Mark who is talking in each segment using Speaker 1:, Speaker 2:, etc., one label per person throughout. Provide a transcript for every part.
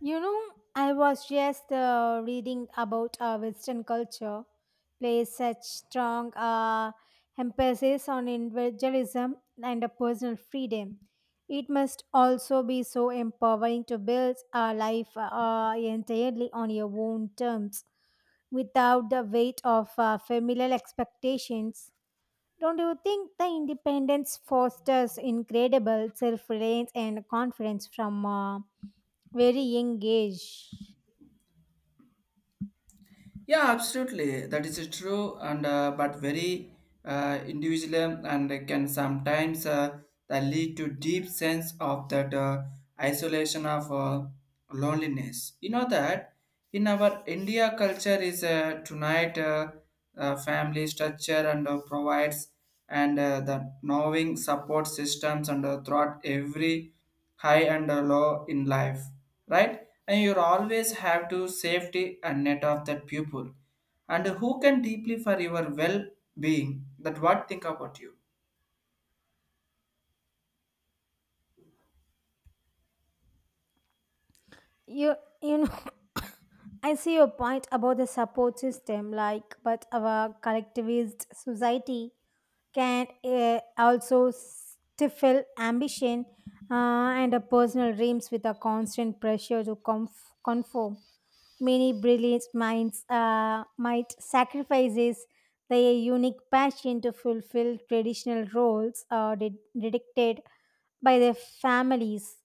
Speaker 1: You know, I was just reading about Western culture plays such strong emphasis on individualism and personal freedom. It must also be so empowering to build a life entirely on your own terms without the weight of familial expectations. Don't you think the independence fosters incredible self reliance and confidence from very young age.
Speaker 2: Yeah, absolutely. That is true, and but very individual and can sometimes that lead to deep sense of that isolation of loneliness. You know that in our India culture is tonight family structure and provides and the knowing support systems and throughout every high and low in life, right? And you always have to safety and net of that pupil. And who can deeply for your well being that what think about you?
Speaker 1: You you know I see your point about the support system, like, but our collectivist society can also stifle ambition and a personal dreams with a constant pressure to conform. Many brilliant minds might sacrifices their unique passion to fulfill traditional roles or did dictated by their families.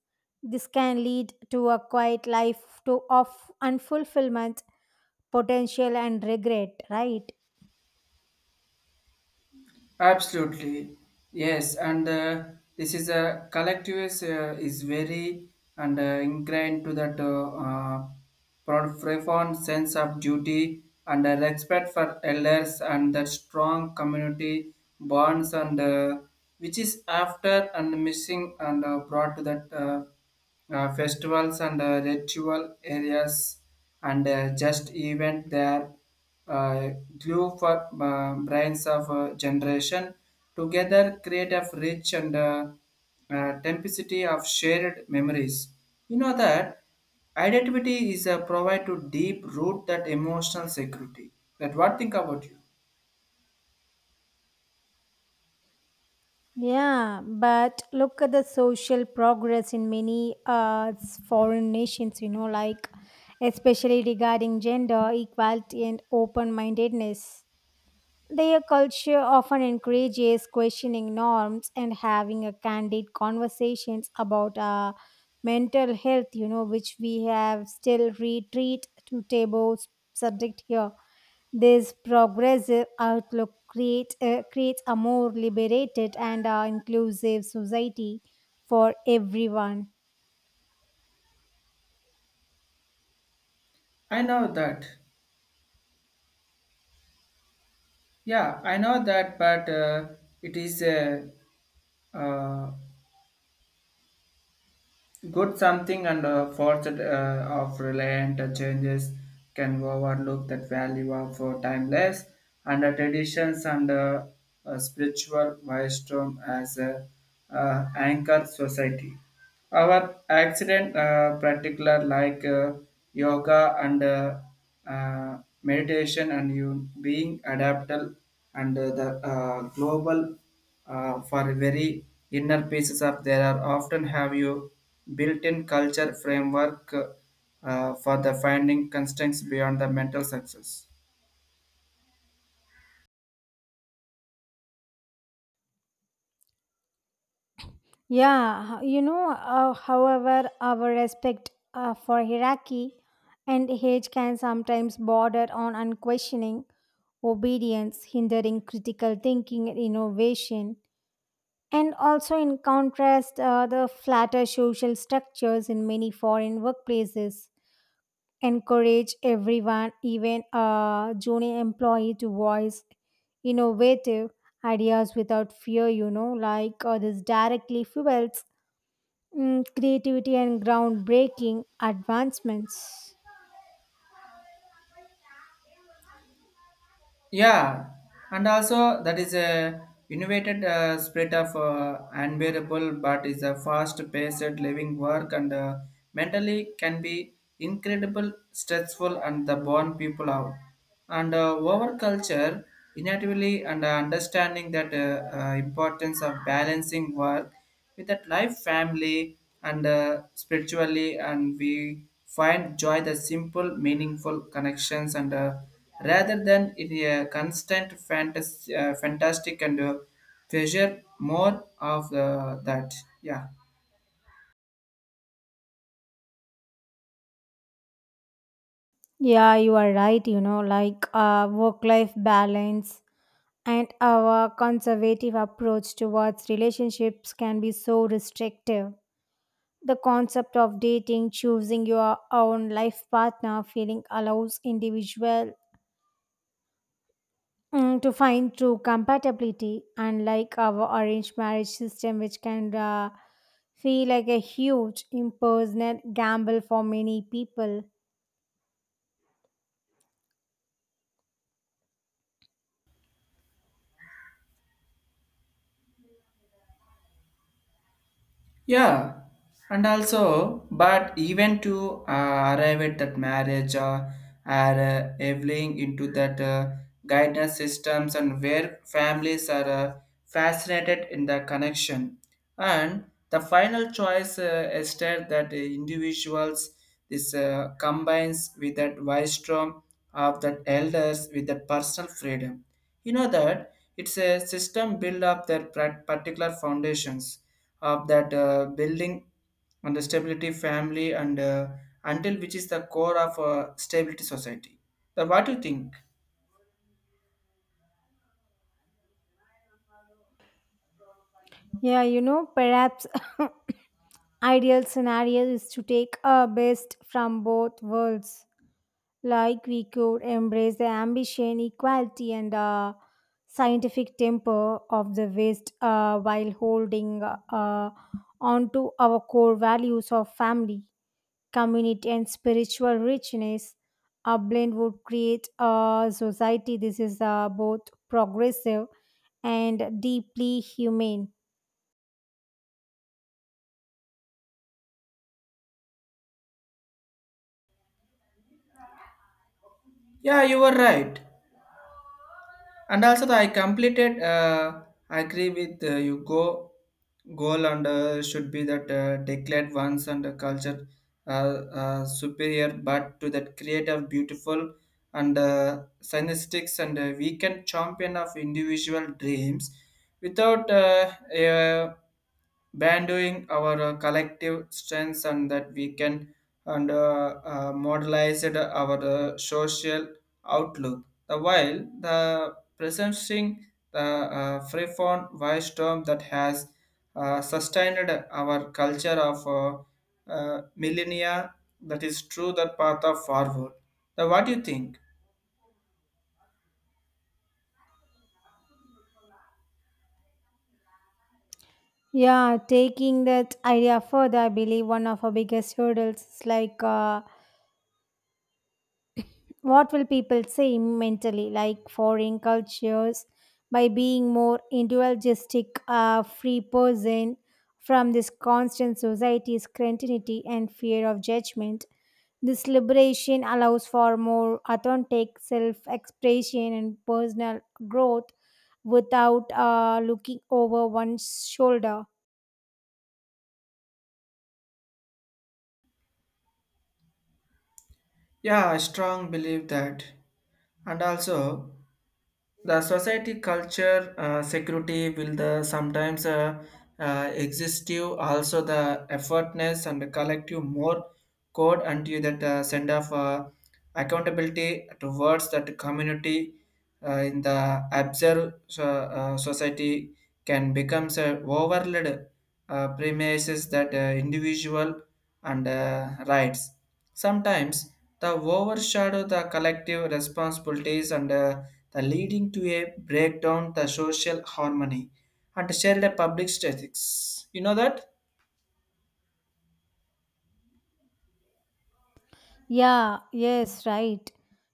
Speaker 1: This can lead to a quiet life to of unfulfillment, potential, and regret. Right?
Speaker 2: Absolutely, yes, and this is a collective is very and ingrained to that uh, profound sense of duty and respect for elders and that strong community bonds and which is after and missing and brought to that. Festivals and ritual areas and just event there uh, glue for brains of generation together create a rich and tempacity of shared memories. You know that identity is a provide to deep root that emotional security that what think about you?
Speaker 1: Yeah, but look at the social progress in many foreign nations, you know, like especially regarding gender equality and open mindedness. Their culture often encourages questioning norms and having a candid conversations about mental health, you know, which we have still retreat to table subject here. This progressive outlook creates a more liberated and inclusive society for everyone.
Speaker 2: I know that. Yeah, I know that, but it is a uh, good something and forced of reliant changes can overlook that value of timeless and traditions and spiritual wisdom as a anchor society. Our accident particular like yoga and meditation and you being adaptable and the global for very inner pieces of there are often have you built-in culture framework for the finding constraints beyond the mental success.
Speaker 1: Yeah, you know, however, our respect for hierarchy and age can sometimes border on unquestioning obedience, hindering critical thinking and innovation. And also, in contrast, the flatter social structures in many foreign workplaces encourage everyone, even a junior employee, to voice innovative ideas without fear, you know, like this directly fuels creativity and groundbreaking advancements.
Speaker 2: Yeah, and also that is a innovated spirit of unbearable, but is a fast-paced living work and mentally can be incredible stressful and the born people out and our culture inevitably and understanding that importance of balancing work with that life family and spiritually and we find joy the simple meaningful connections and rather than in a constant fantastic and treasure more of that. Yeah.
Speaker 1: Yeah, you are right. You know, like work life balance and our conservative approach towards relationships can be so restrictive. The concept of dating, choosing your own life partner, feeling allows individual to find true compatibility, unlike our arranged marriage system, which can feel like a huge impersonal gamble for many people.
Speaker 2: Yeah, and also, but even to arrive at that marriage are evolving into that guidance systems and where families are fascinated in the connection. And the final choice is that that individuals this combines with that wisdom of that elders with that personal freedom. You know that it's a system built up their particular foundations of that building on the stability family and until which is the core of a stability society, the what do you think?
Speaker 1: Yeah, you know, perhaps ideal scenario is to take our best from both worlds. Like we could embrace the ambition, equality, and scientific temper of the West while holding on to our core values of family community, and spiritual richness. A blend would create a society. This is both progressive and deeply humane.
Speaker 2: Yeah, you were right, and also the, I completed I agree with you. Go goal and should be that declared once and the culture uh, superior but to that creative beautiful and synergistics and we can champion of individual dreams without uh, banding our collective strengths and that we can and modelize it our social outlook. The while the presenting the freeform voice term that has sustained our culture of millennia that is true that path of forward. Now, what do you think?
Speaker 1: Yeah, taking that idea further, I believe one of our biggest hurdles is like what will people say mentally, like foreign cultures, by being more individualistic, a free person from this constant society's continuity and fear of judgment? This liberation allows for more authentic self expression and personal growth without looking over one's shoulder.
Speaker 2: Yeah, I strong believe that, and also the society culture security will the sometimes existive also the effortness and the collective more code until that send off accountability towards that community in the observe so society can becomes a overlaid premises that individual and rights sometimes the overshadow the collective responsibilities and the leading to a breakdown the social harmony and shared public statistics. You know that?
Speaker 1: Yeah, yes, right.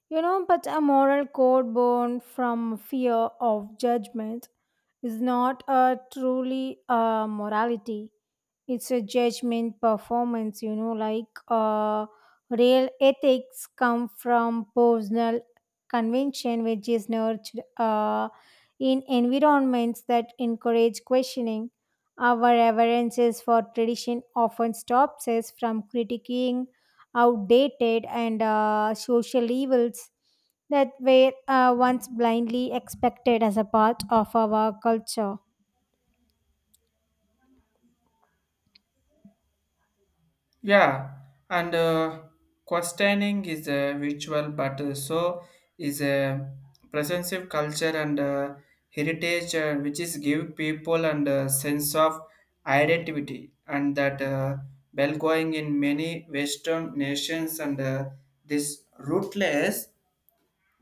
Speaker 1: You know, but a moral code born from fear of judgment is not a truly a morality. It's a judgment performance, you know, like real ethics come from personal convention, which is nurtured in environments that encourage questioning. Our reverences for tradition often stops us from critiquing outdated and social evils that were once blindly expected as a part of our culture.
Speaker 2: Yeah, and questioning is a ritual, but so is a presensive culture and heritage, which is give people and sense of identity, and that well going in many Western nations and this rootless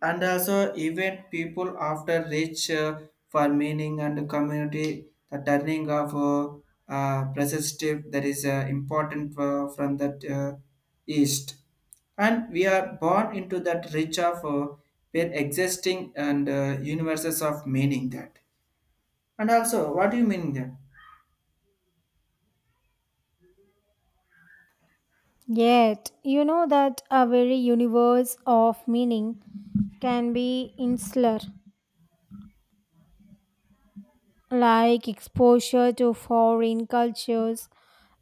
Speaker 2: and also even people after reach for meaning and community the turning of perspective that is important from that east and we are born into that reach of where existing and universes of meaning that and also what do you mean that?
Speaker 1: Yet, you know that a very universe of meaning can be insular, like exposure to foreign cultures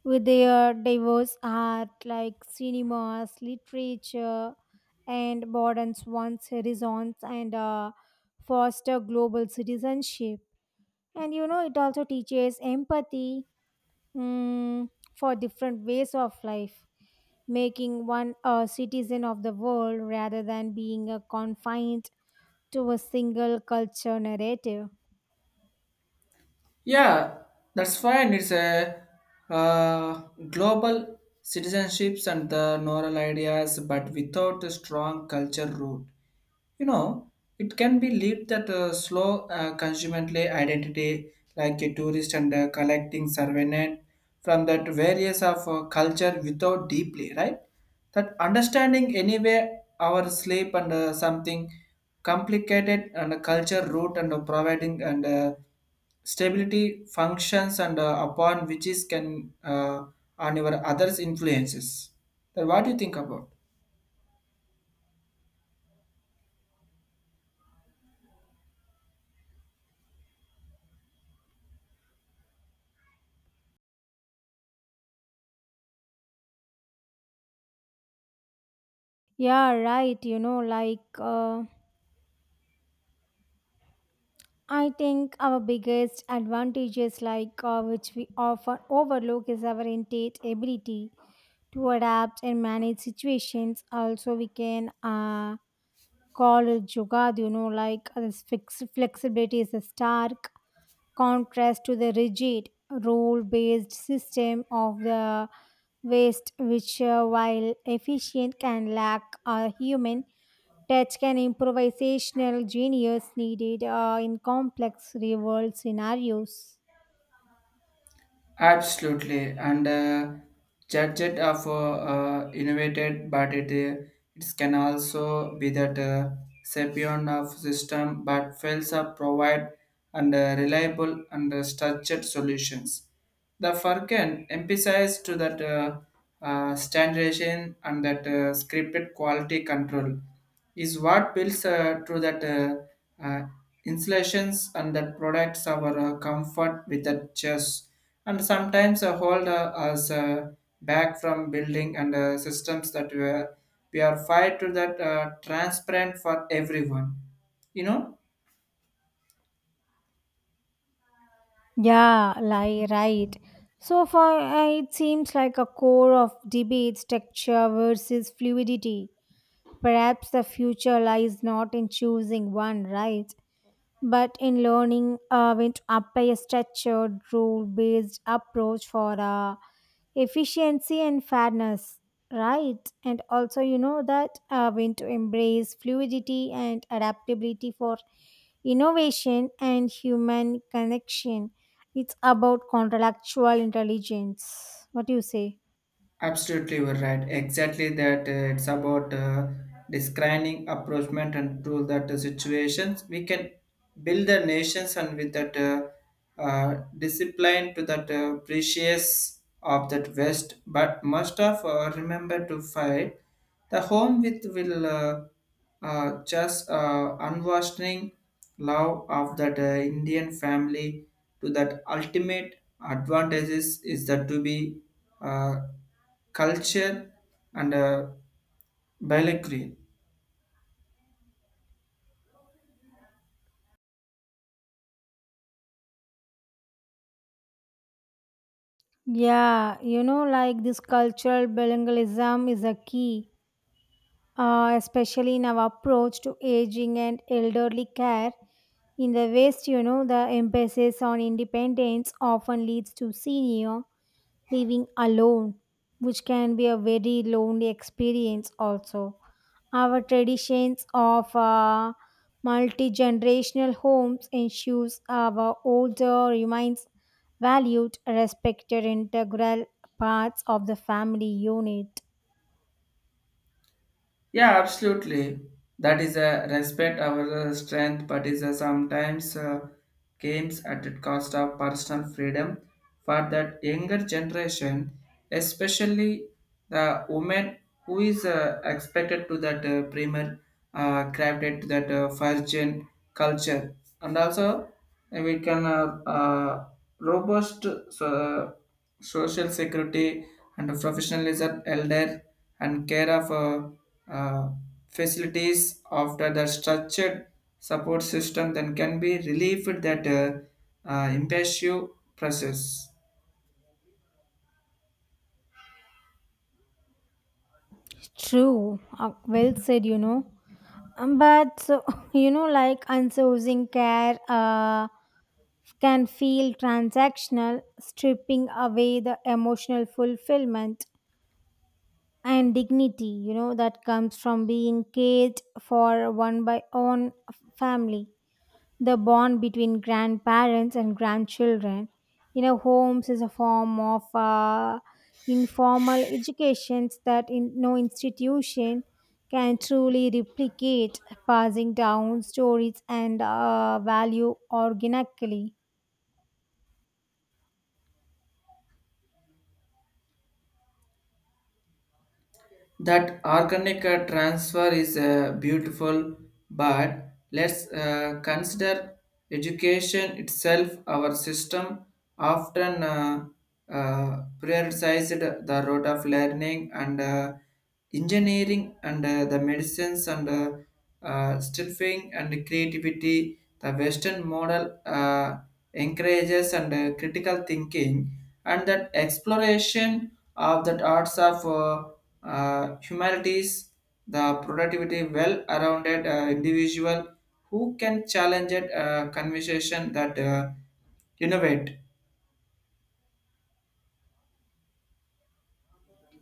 Speaker 1: with their diverse art, like cinemas, literature, and broadens one's horizons and foster global citizenship. And you know it also teaches empathy, mm, for different ways of life, making one a citizen of the world rather than being a confined to a single culture narrative.
Speaker 2: Yeah, that's fine. It's a uh, global citizenships and the moral ideas but without a strong culture root, you know, it can be lead that slow consummately identity like a tourist and collecting surveillance from that various of culture without deeply right that understanding anyway our sleep and something complicated and culture root and providing and stability functions and upon which is can on your others influences then what do you think about?
Speaker 1: Yeah, right. You know, like I think our biggest advantages, like which we often overlook, is our innate ability to adapt and manage situations. Also, we can call it yoga, you know, like this flexibility is a stark contrast to the rigid rule based system of the West, which, while efficient, can lack a human touch, can improvisational genius needed in complex real world scenarios.
Speaker 2: Absolutely, and judged of innovated, but it can also be that sapient of system, but fails to provide and reliable and structured solutions. The Furkan emphasized to that standardization and that scripted quality control is what builds to that uh, installations and that products our comfort with that chess and sometimes hold us back from building and systems that we are fired to that transparent for everyone, you know.
Speaker 1: Yeah, like right. So far, it seems like a core of debates texture versus fluidity. Perhaps the future lies not in choosing one, right? But in learning, we apply a structured, rule based approach for efficiency and fairness, right? And also, you know that we to embrace fluidity and adaptability for innovation and human connection. It's about contractual intelligence. What do you say?
Speaker 2: Absolutely, you're right. Exactly that. It's about describing approachment and to that situations we can build the nations and with that discipline to that precious of that West. But must of remember to fight. The home with will just unwashing love of that Indian family to that ultimate advantages is that to be. Uh, Culture and biology.
Speaker 1: Yeah, you know, like this cultural bilingualism is a key, especially in our approach to aging and elderly care. In the West, you know, the emphasis on independence often leads to senior living alone, which can be a very lonely experience also. Our traditions of multi-generational homes ensures our older remains valued, respected integral parts of the family unit.
Speaker 2: Yeah, absolutely. That is a respect our strength, but is sometimes games at the cost of personal freedom for that younger generation, especially the woman who is expected to that primer crafted to that first gen culture, and also we can robust. So, uh, social security and professionalism elder and care of facilities after the structured support system then can be relieved that impulsive process.
Speaker 1: True, well said, you know. But so you know, like unsourcing care can feel transactional stripping away the emotional fulfillment and dignity, you know, that comes from being cared for one by own family. The bond between grandparents and grandchildren in a homes is a form of informal education that in no institution can truly replicate, passing down stories and value organically.
Speaker 2: That organic transfer is beautiful but let's consider education itself. Our system often prioritized the road of learning and engineering and the medicines and stiffing and creativity. The Western model encourages and critical thinking and that exploration of the arts of humanities, the productivity well-rounded individual who can challenge it, conversation that innovate.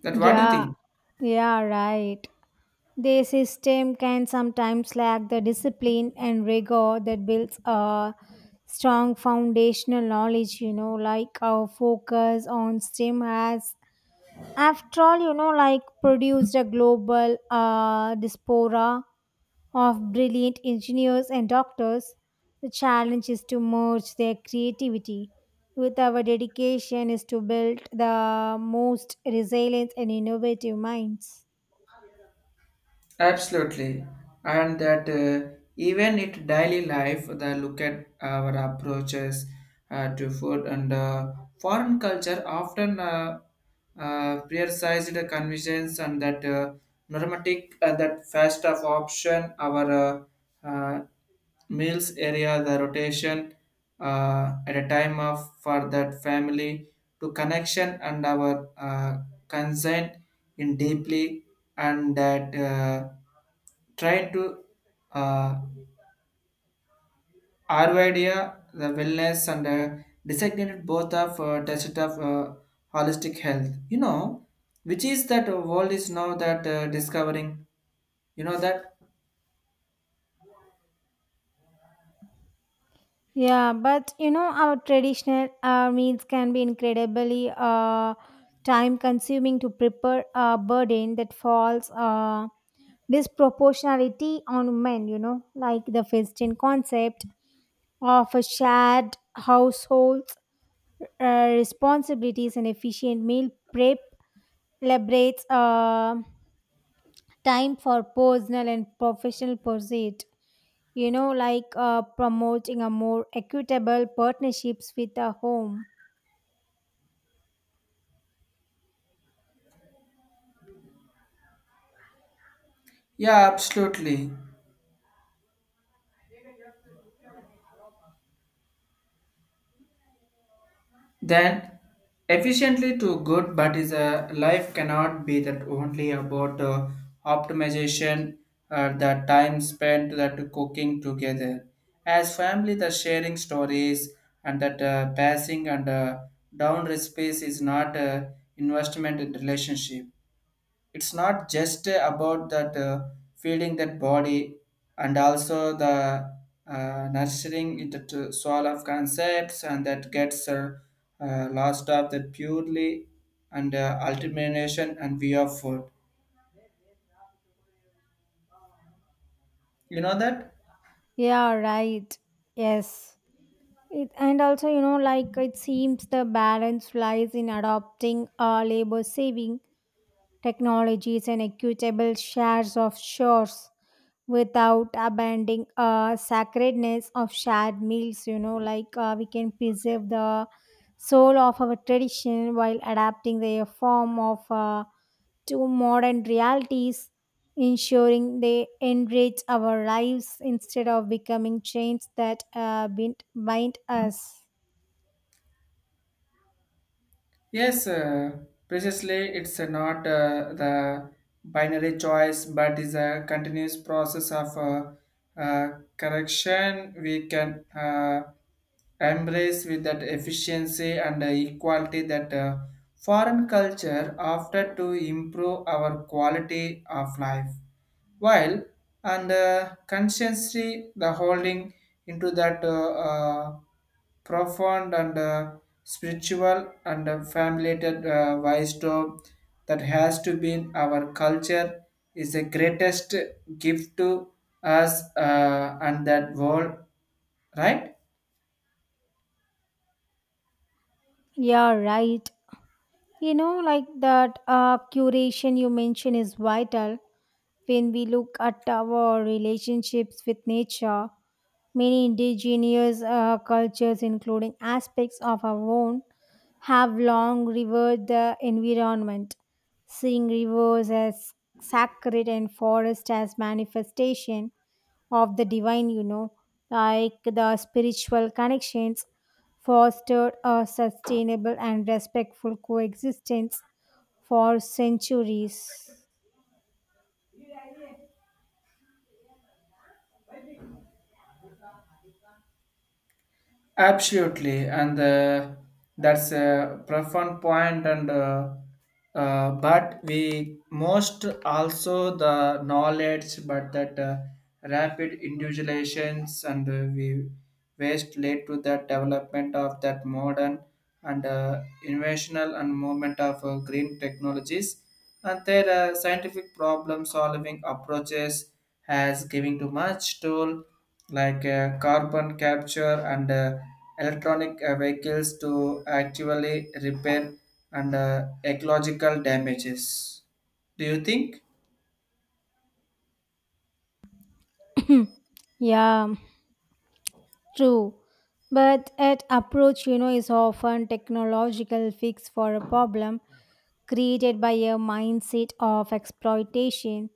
Speaker 2: That what do you
Speaker 1: Yeah,
Speaker 2: think?
Speaker 1: yeah, right. Their system can sometimes lack the discipline and rigor that builds a strong foundational knowledge, you know, like our focus on STEM has, after all, you know, like produced a global diaspora of brilliant engineers and doctors. The challenge is to merge their creativity with our dedication is to build the most resilient and innovative minds.
Speaker 2: Absolutely, and that even in daily life, the look at our approaches to food and foreign culture often. Prioritized convenience and that normatic that fast of option our uh, uh, meals area the rotation at a time of for that family to connection and our consent in deeply and that try to uh, Ayurveda, the wellness, and designated both of test of holistic health. You know, which is that world is now that discovering. You know that?
Speaker 1: Yeah, but you know, our traditional meals can be incredibly time consuming to prepare a burden that falls disproportionality on men, you know, like the Western concept of a shared household responsibilities and efficient meal prep liberates time for personal and professional pursuit. You know, like promoting a more equitable partnerships with a home.
Speaker 2: Yeah, absolutely. Then efficiently to good, but is a life cannot be that only about optimization the time spent that cooking together. As family, the sharing stories and that passing and down recipes is not investment in relationship. It's not just about that feeding that body and also the nurturing it to soul of concepts and that gets lost of that purely and ultimation and view of food, you know that?
Speaker 1: Yeah, right. Yes. It, and also, you know, like it seems the balance lies in adopting a labor saving technologies and equitable shares of chores without abandoning sacredness of shared meals, you know, like we can preserve the soul of our tradition while adapting their form of to modern realities, ensuring they enrich our lives instead of becoming chains that bind us.
Speaker 2: Yes, precisely. It's not the binary choice, but is a continuous process of correction. We can embrace with that efficiency and equality that foreign culture after to improve our quality of life. While and consciously the holding into that profound and spiritual and family-related wisdom that has to be in our culture is the greatest gift to us and that world, right?
Speaker 1: Yeah, right. You know, like that curation you mentioned is vital. When we look at our relationships with nature, many indigenous cultures, including aspects of our own, have long revered the environment, seeing rivers as sacred and forest as manifestation of the divine, you know, like the spiritual connections fostered a sustainable and respectful coexistence for centuries.
Speaker 2: Absolutely, and that's a profound point. And but we most also the knowledge, but that rapid individualizations and we waste led to the development of that modern and innovational and movement of green technologies and their scientific problem solving approaches has given too much toll like carbon capture and electronic vehicles to actually repair and ecological damages, do you think?
Speaker 1: Yeah. True, but that approach, you know, is often technological fix for a problem created by a mindset of exploitation.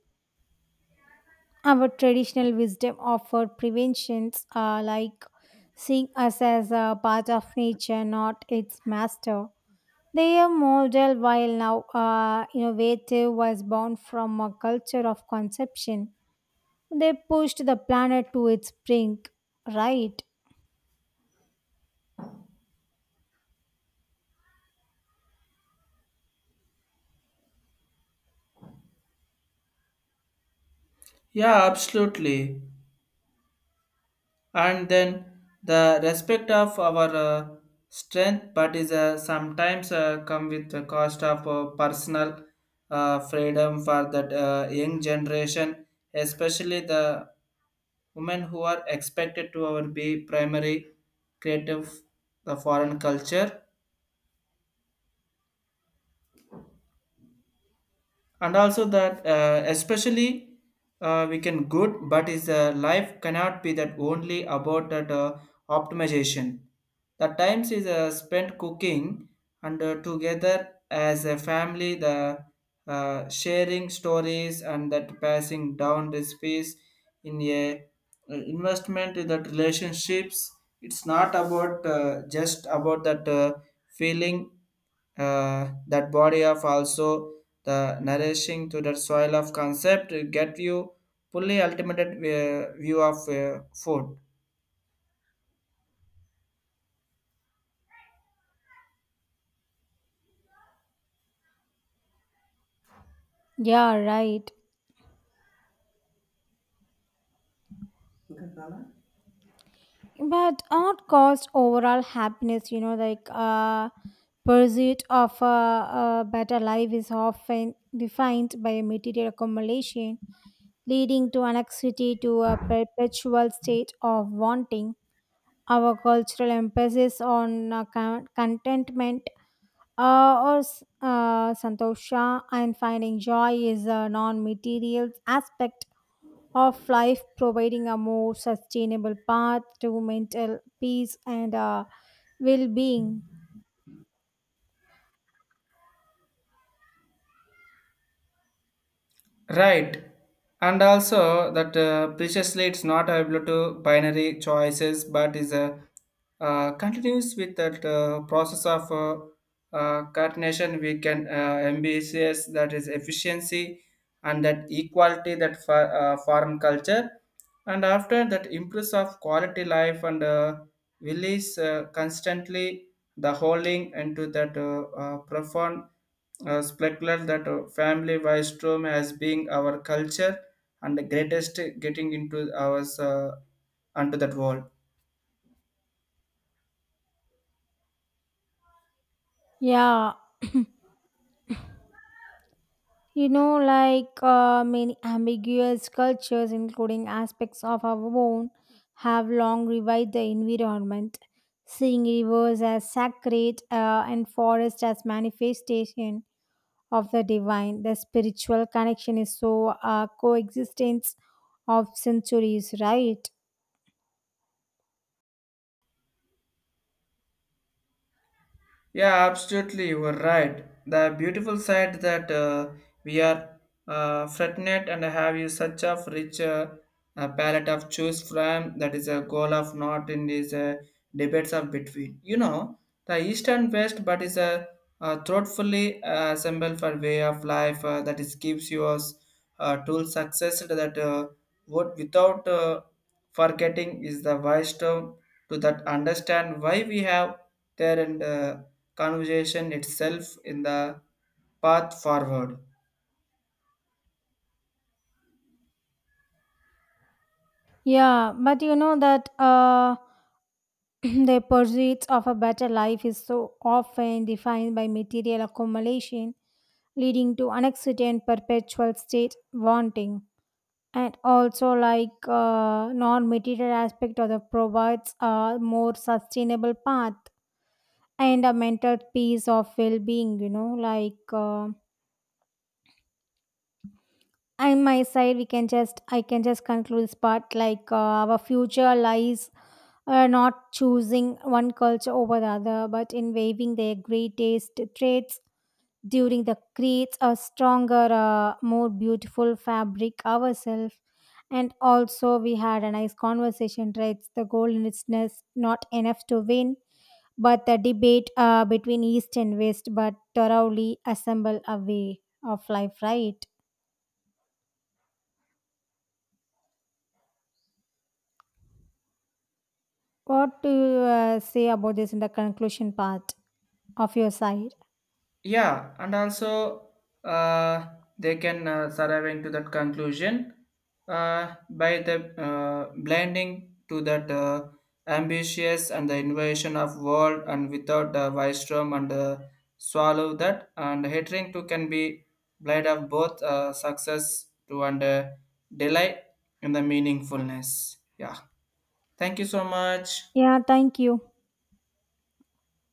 Speaker 1: Our traditional wisdom offer preventions, like seeing us as a part of nature, not its master. Their model, while now innovative, was born from a culture of conception. They pushed the planet to its brink, right?
Speaker 2: Yeah, absolutely. And then the respect of our strength, but is sometimes come with the cost of personal freedom for that young generation, especially the women who are expected to our be primary creative the foreign culture, and also that especially we can good but is life cannot be that only about that optimization the times is spent cooking and together as a family the sharing stories and that passing down recipes in a investment in that relationships. It's not about just about that feeling that body of also the nourishing to the soil of concept to get you fully ultimate view of food.
Speaker 1: Yeah, right. But art costs overall happiness, you know, like pursuit of a better life is often defined by a material accumulation, leading to anxiety to a perpetual state of wanting. Our cultural emphasis on contentment, santosha, and finding joy is a non-material aspect of life, providing a more sustainable path to mental peace and well-being.
Speaker 2: Right, and also that preciously it's not able to binary choices but is a continues with that process of coordination. We can MBCS that is efficiency and that equality that for foreign culture and after that improves of quality life and release constantly the holding into that profound specular that family wise term as being our culture and the greatest getting into ours onto that world.
Speaker 1: Yeah. You know, like many ambiguous cultures, including aspects of our own, have long revived the environment, seeing rivers as sacred and forests as manifestation of the divine. The spiritual connection is so coexistence of centuries, right?
Speaker 2: Yeah, absolutely, you were right. The beautiful side that we are fortunate and have you such a rich palette of choose from that is a goal of not in these debates of between. You know, the east and west, but is a thoughtfully assembled for way of life that is gives you us tool success that would without forgetting is the wise to that understand why we have there and conversation itself in the path forward.
Speaker 1: Yeah, but you know that the pursuits of a better life is so often defined by material accumulation, leading to an accident perpetual state wanting. And also, like non-material aspect of the provides a more sustainable path and a mental peace of well-being. You know, like. And my side we can just I can just conclude this part, like our future lies not choosing one culture over the other, but in waiving their greatest traits during the creates a stronger more beautiful fabric ourselves. And also we had a nice conversation, right? It's the goal in itself not enough to win but the debate between east and west, but thoroughly assemble a way of life, right? What do you say about this in the conclusion part of your side?
Speaker 2: Yeah, and also uh, they can survive into that conclusion by the blending to that ambitious and the invasion of world and without the Wistrom and swallow that and hatering to can be blade of both success to and delight in the meaningfulness. Yeah, thank you so much.
Speaker 1: Yeah, thank you.